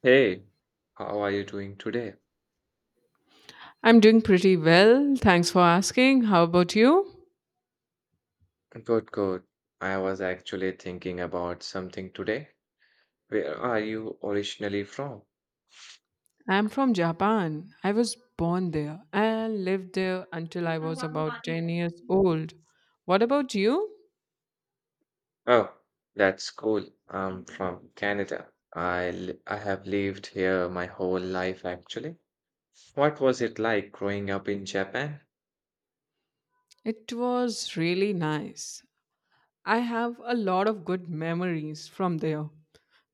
Hey, how are you doing today? I'm doing pretty well. Thanks for asking. How about you? Good, good. I was actually thinking about something today. Where are you originally from? I'm from Japan. I was born there and lived there until I was about 10 years old. What about you? Oh, that's cool. I'm from Canada. I have lived here my whole life actually. What was it like growing up in Japan? It was really nice. I have a lot of good memories from there.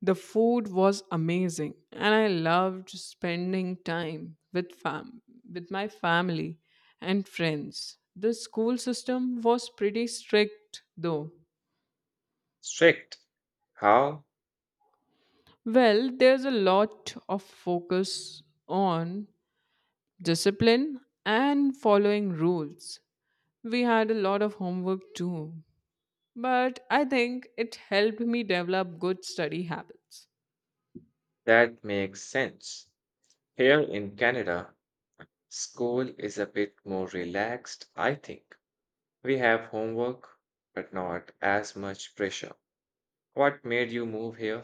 The food was amazing, and I loved spending time with fam with my family and friends. The school system was pretty strict though. Strict. How? Well, there's a lot of focus on discipline and following rules. We had a lot of homework too, but I think it helped me develop good study habits. That makes sense. Here in Canada, school is a bit more relaxed, I think. We have homework, but not as much pressure. What made you move here?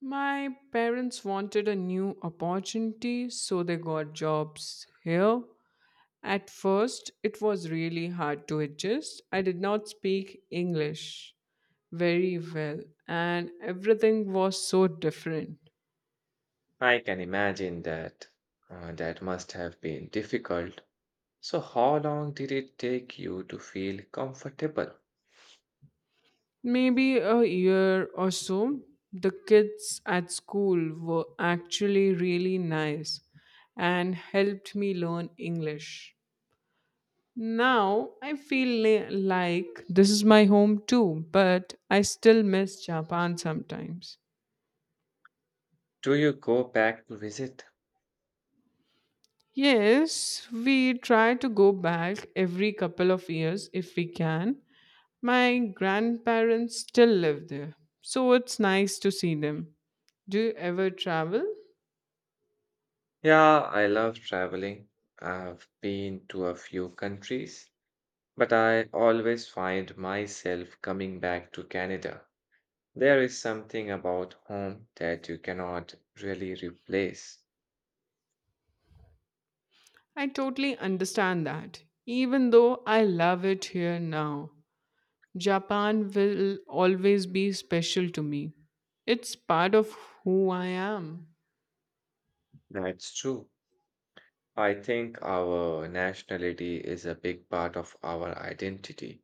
My parents wanted a new opportunity, so they got jobs here. At first, it was really hard to adjust. I did not speak English very well, and everything was so different. I can imagine that. That must have been difficult. So, how long did it take you to feel comfortable? Maybe a year or so, the kids at school were actually really nice and helped me learn English. Now I feel like this is my home too, but I still miss Japan sometimes. Do you go back to visit? Yes, we try to go back every couple of years if we can. My grandparents still live there, so it's nice to see them. Do you ever travel? Yeah, I love traveling. I've been to a few countries, but I always find myself coming back to Canada. There is something about home that you cannot really replace. I totally understand that. Even though I love it here now, Japan will always be special to me. It's part of who I am. That's true. I think our nationality is a big part of our identity.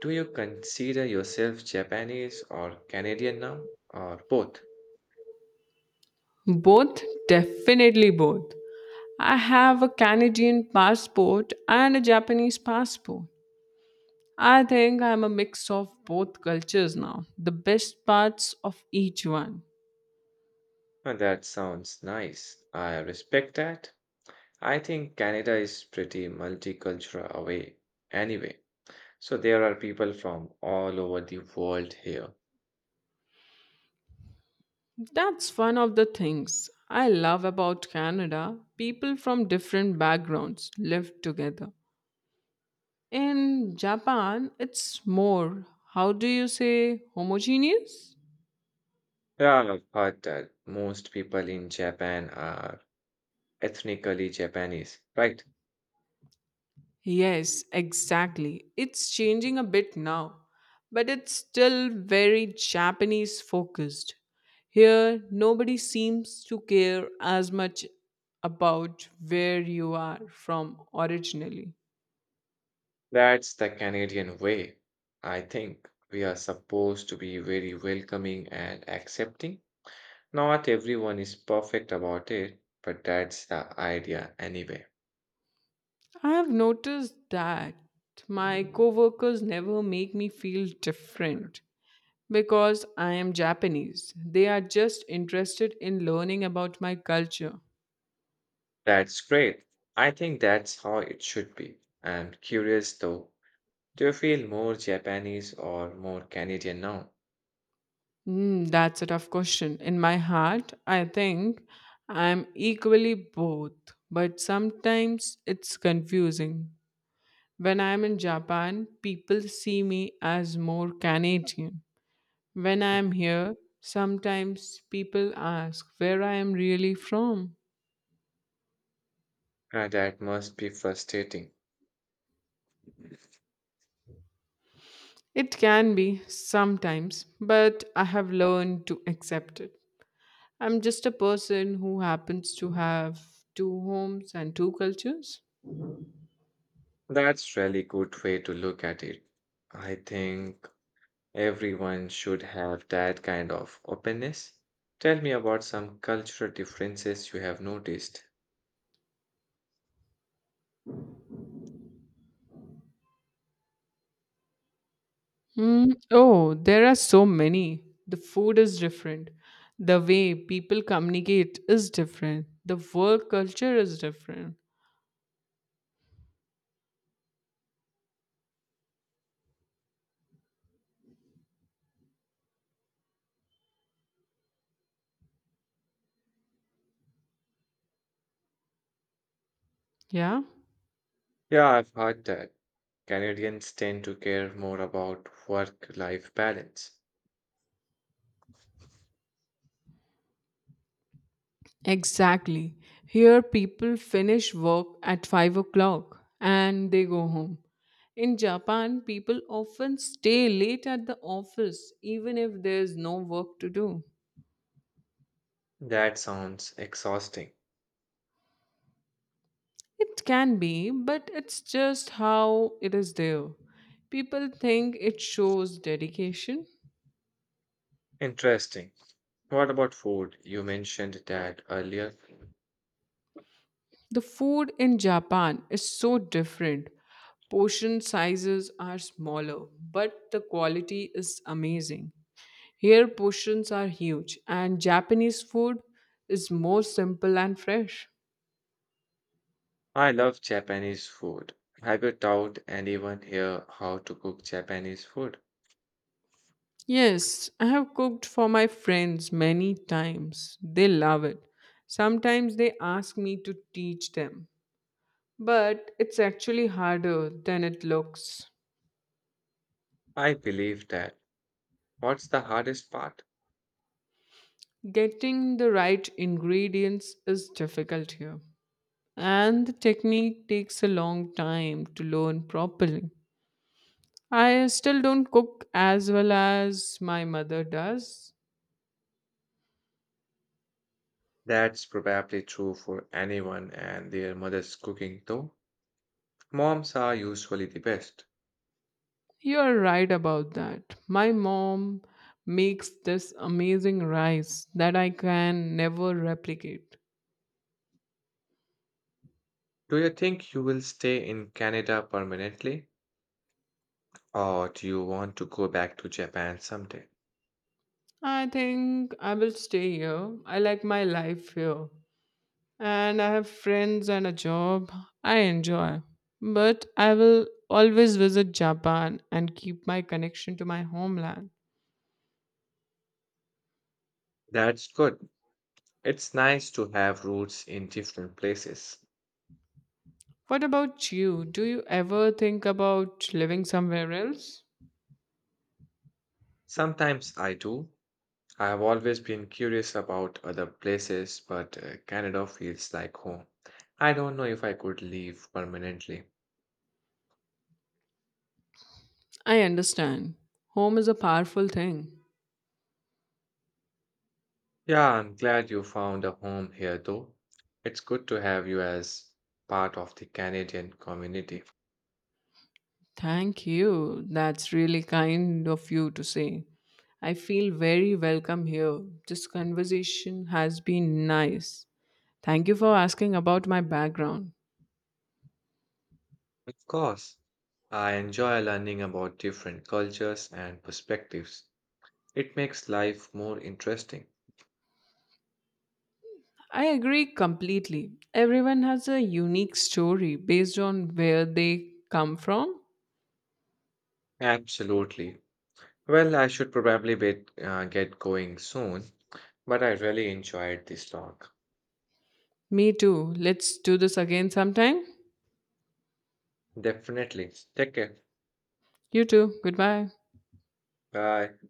Do you consider yourself Japanese or Canadian now, or both? Both, definitely both. I have a Canadian passport and a Japanese passport. I think I'm a mix of both cultures now, the best parts of each one. That sounds nice. I respect that. I think Canada is pretty multicultural away anyway. So there are people from all over the world here. That's one of the things I love about Canada. People from different backgrounds live together. In Japan, it's more, how do you say, homogeneous? Yeah, but have most people in Japan are ethnically Japanese, right? Yes, exactly. It's changing a bit now, but it's still very Japanese focused. Here, nobody seems to care as much about where you are from originally. That's the Canadian way. I think we are supposed to be very welcoming and accepting. Not everyone is perfect about it, but that's the idea anyway. I have noticed that my coworkers never make me feel different because I am Japanese. They are just interested in learning about my culture. That's great. I think that's how it should be. I'm curious though, do you feel more Japanese or more Canadian now? That's a tough question. In my heart, I think I'm equally both, but sometimes it's confusing. When I'm in Japan, people see me as more Canadian. When I'm here, sometimes people ask where I am really from. That must be frustrating. It can be sometimes, but I have learned to accept it. I'm just a person who happens to have two homes and two cultures. That's really good way to look at it. I think everyone should have that kind of openness. Tell me about some cultural differences you have noticed. Oh, there are so many. The food is different. The way people communicate is different. The work culture is different. Yeah. Yeah, I've heard that. Canadians tend to care more about work-life balance. Exactly. Here, people finish work at 5 o'clock and they go home. In Japan, people often stay late at the office even if there's no work to do. That sounds exhausting. It can be, but it's just how it is there. People think it shows dedication. Interesting. What about food? You mentioned that earlier. The food in Japan is so different. Portion sizes are smaller, but the quality is amazing. Here portions are huge, and Japanese food is more simple and fresh. I love Japanese food. Have you taught anyone here how to cook Japanese food? Yes, I have cooked for my friends many times. They love it. Sometimes they ask me to teach them, but it's actually harder than it looks. I believe that. What's the hardest part? Getting the right ingredients is difficult here, and the technique takes a long time to learn properly. I still don't cook as well as my mother does. That's probably true for anyone and their mother's cooking, though. Moms are usually the best. You're right about that. My mom makes this amazing rice that I can never replicate. Do you think you will stay in Canada permanently, or do you want to go back to Japan someday? I think I will stay here. I like my life here. And I have friends and a job I enjoy. But I will always visit Japan and keep my connection to my homeland. That's good. It's nice to have roots in different places. What about you? Do you ever think about living somewhere else? Sometimes I do. I've always been curious about other places, but Canada feels like home. I don't know if I could leave permanently. I understand. Home is a powerful thing. Yeah, I'm glad you found a home here, though. It's good to have you as part of the Canadian community. Thank you. That's really kind of you to say. I feel very welcome here. This conversation has been nice. Thank you for asking about my background. Of course, I enjoy learning about different cultures and perspectives. It makes life more interesting. I agree completely. Everyone has a unique story based on where they come from. Absolutely. Well, I should probably be, get going soon, but I really enjoyed this talk. Me too. Let's do this again sometime. Definitely. Take care. You too. Goodbye. Bye.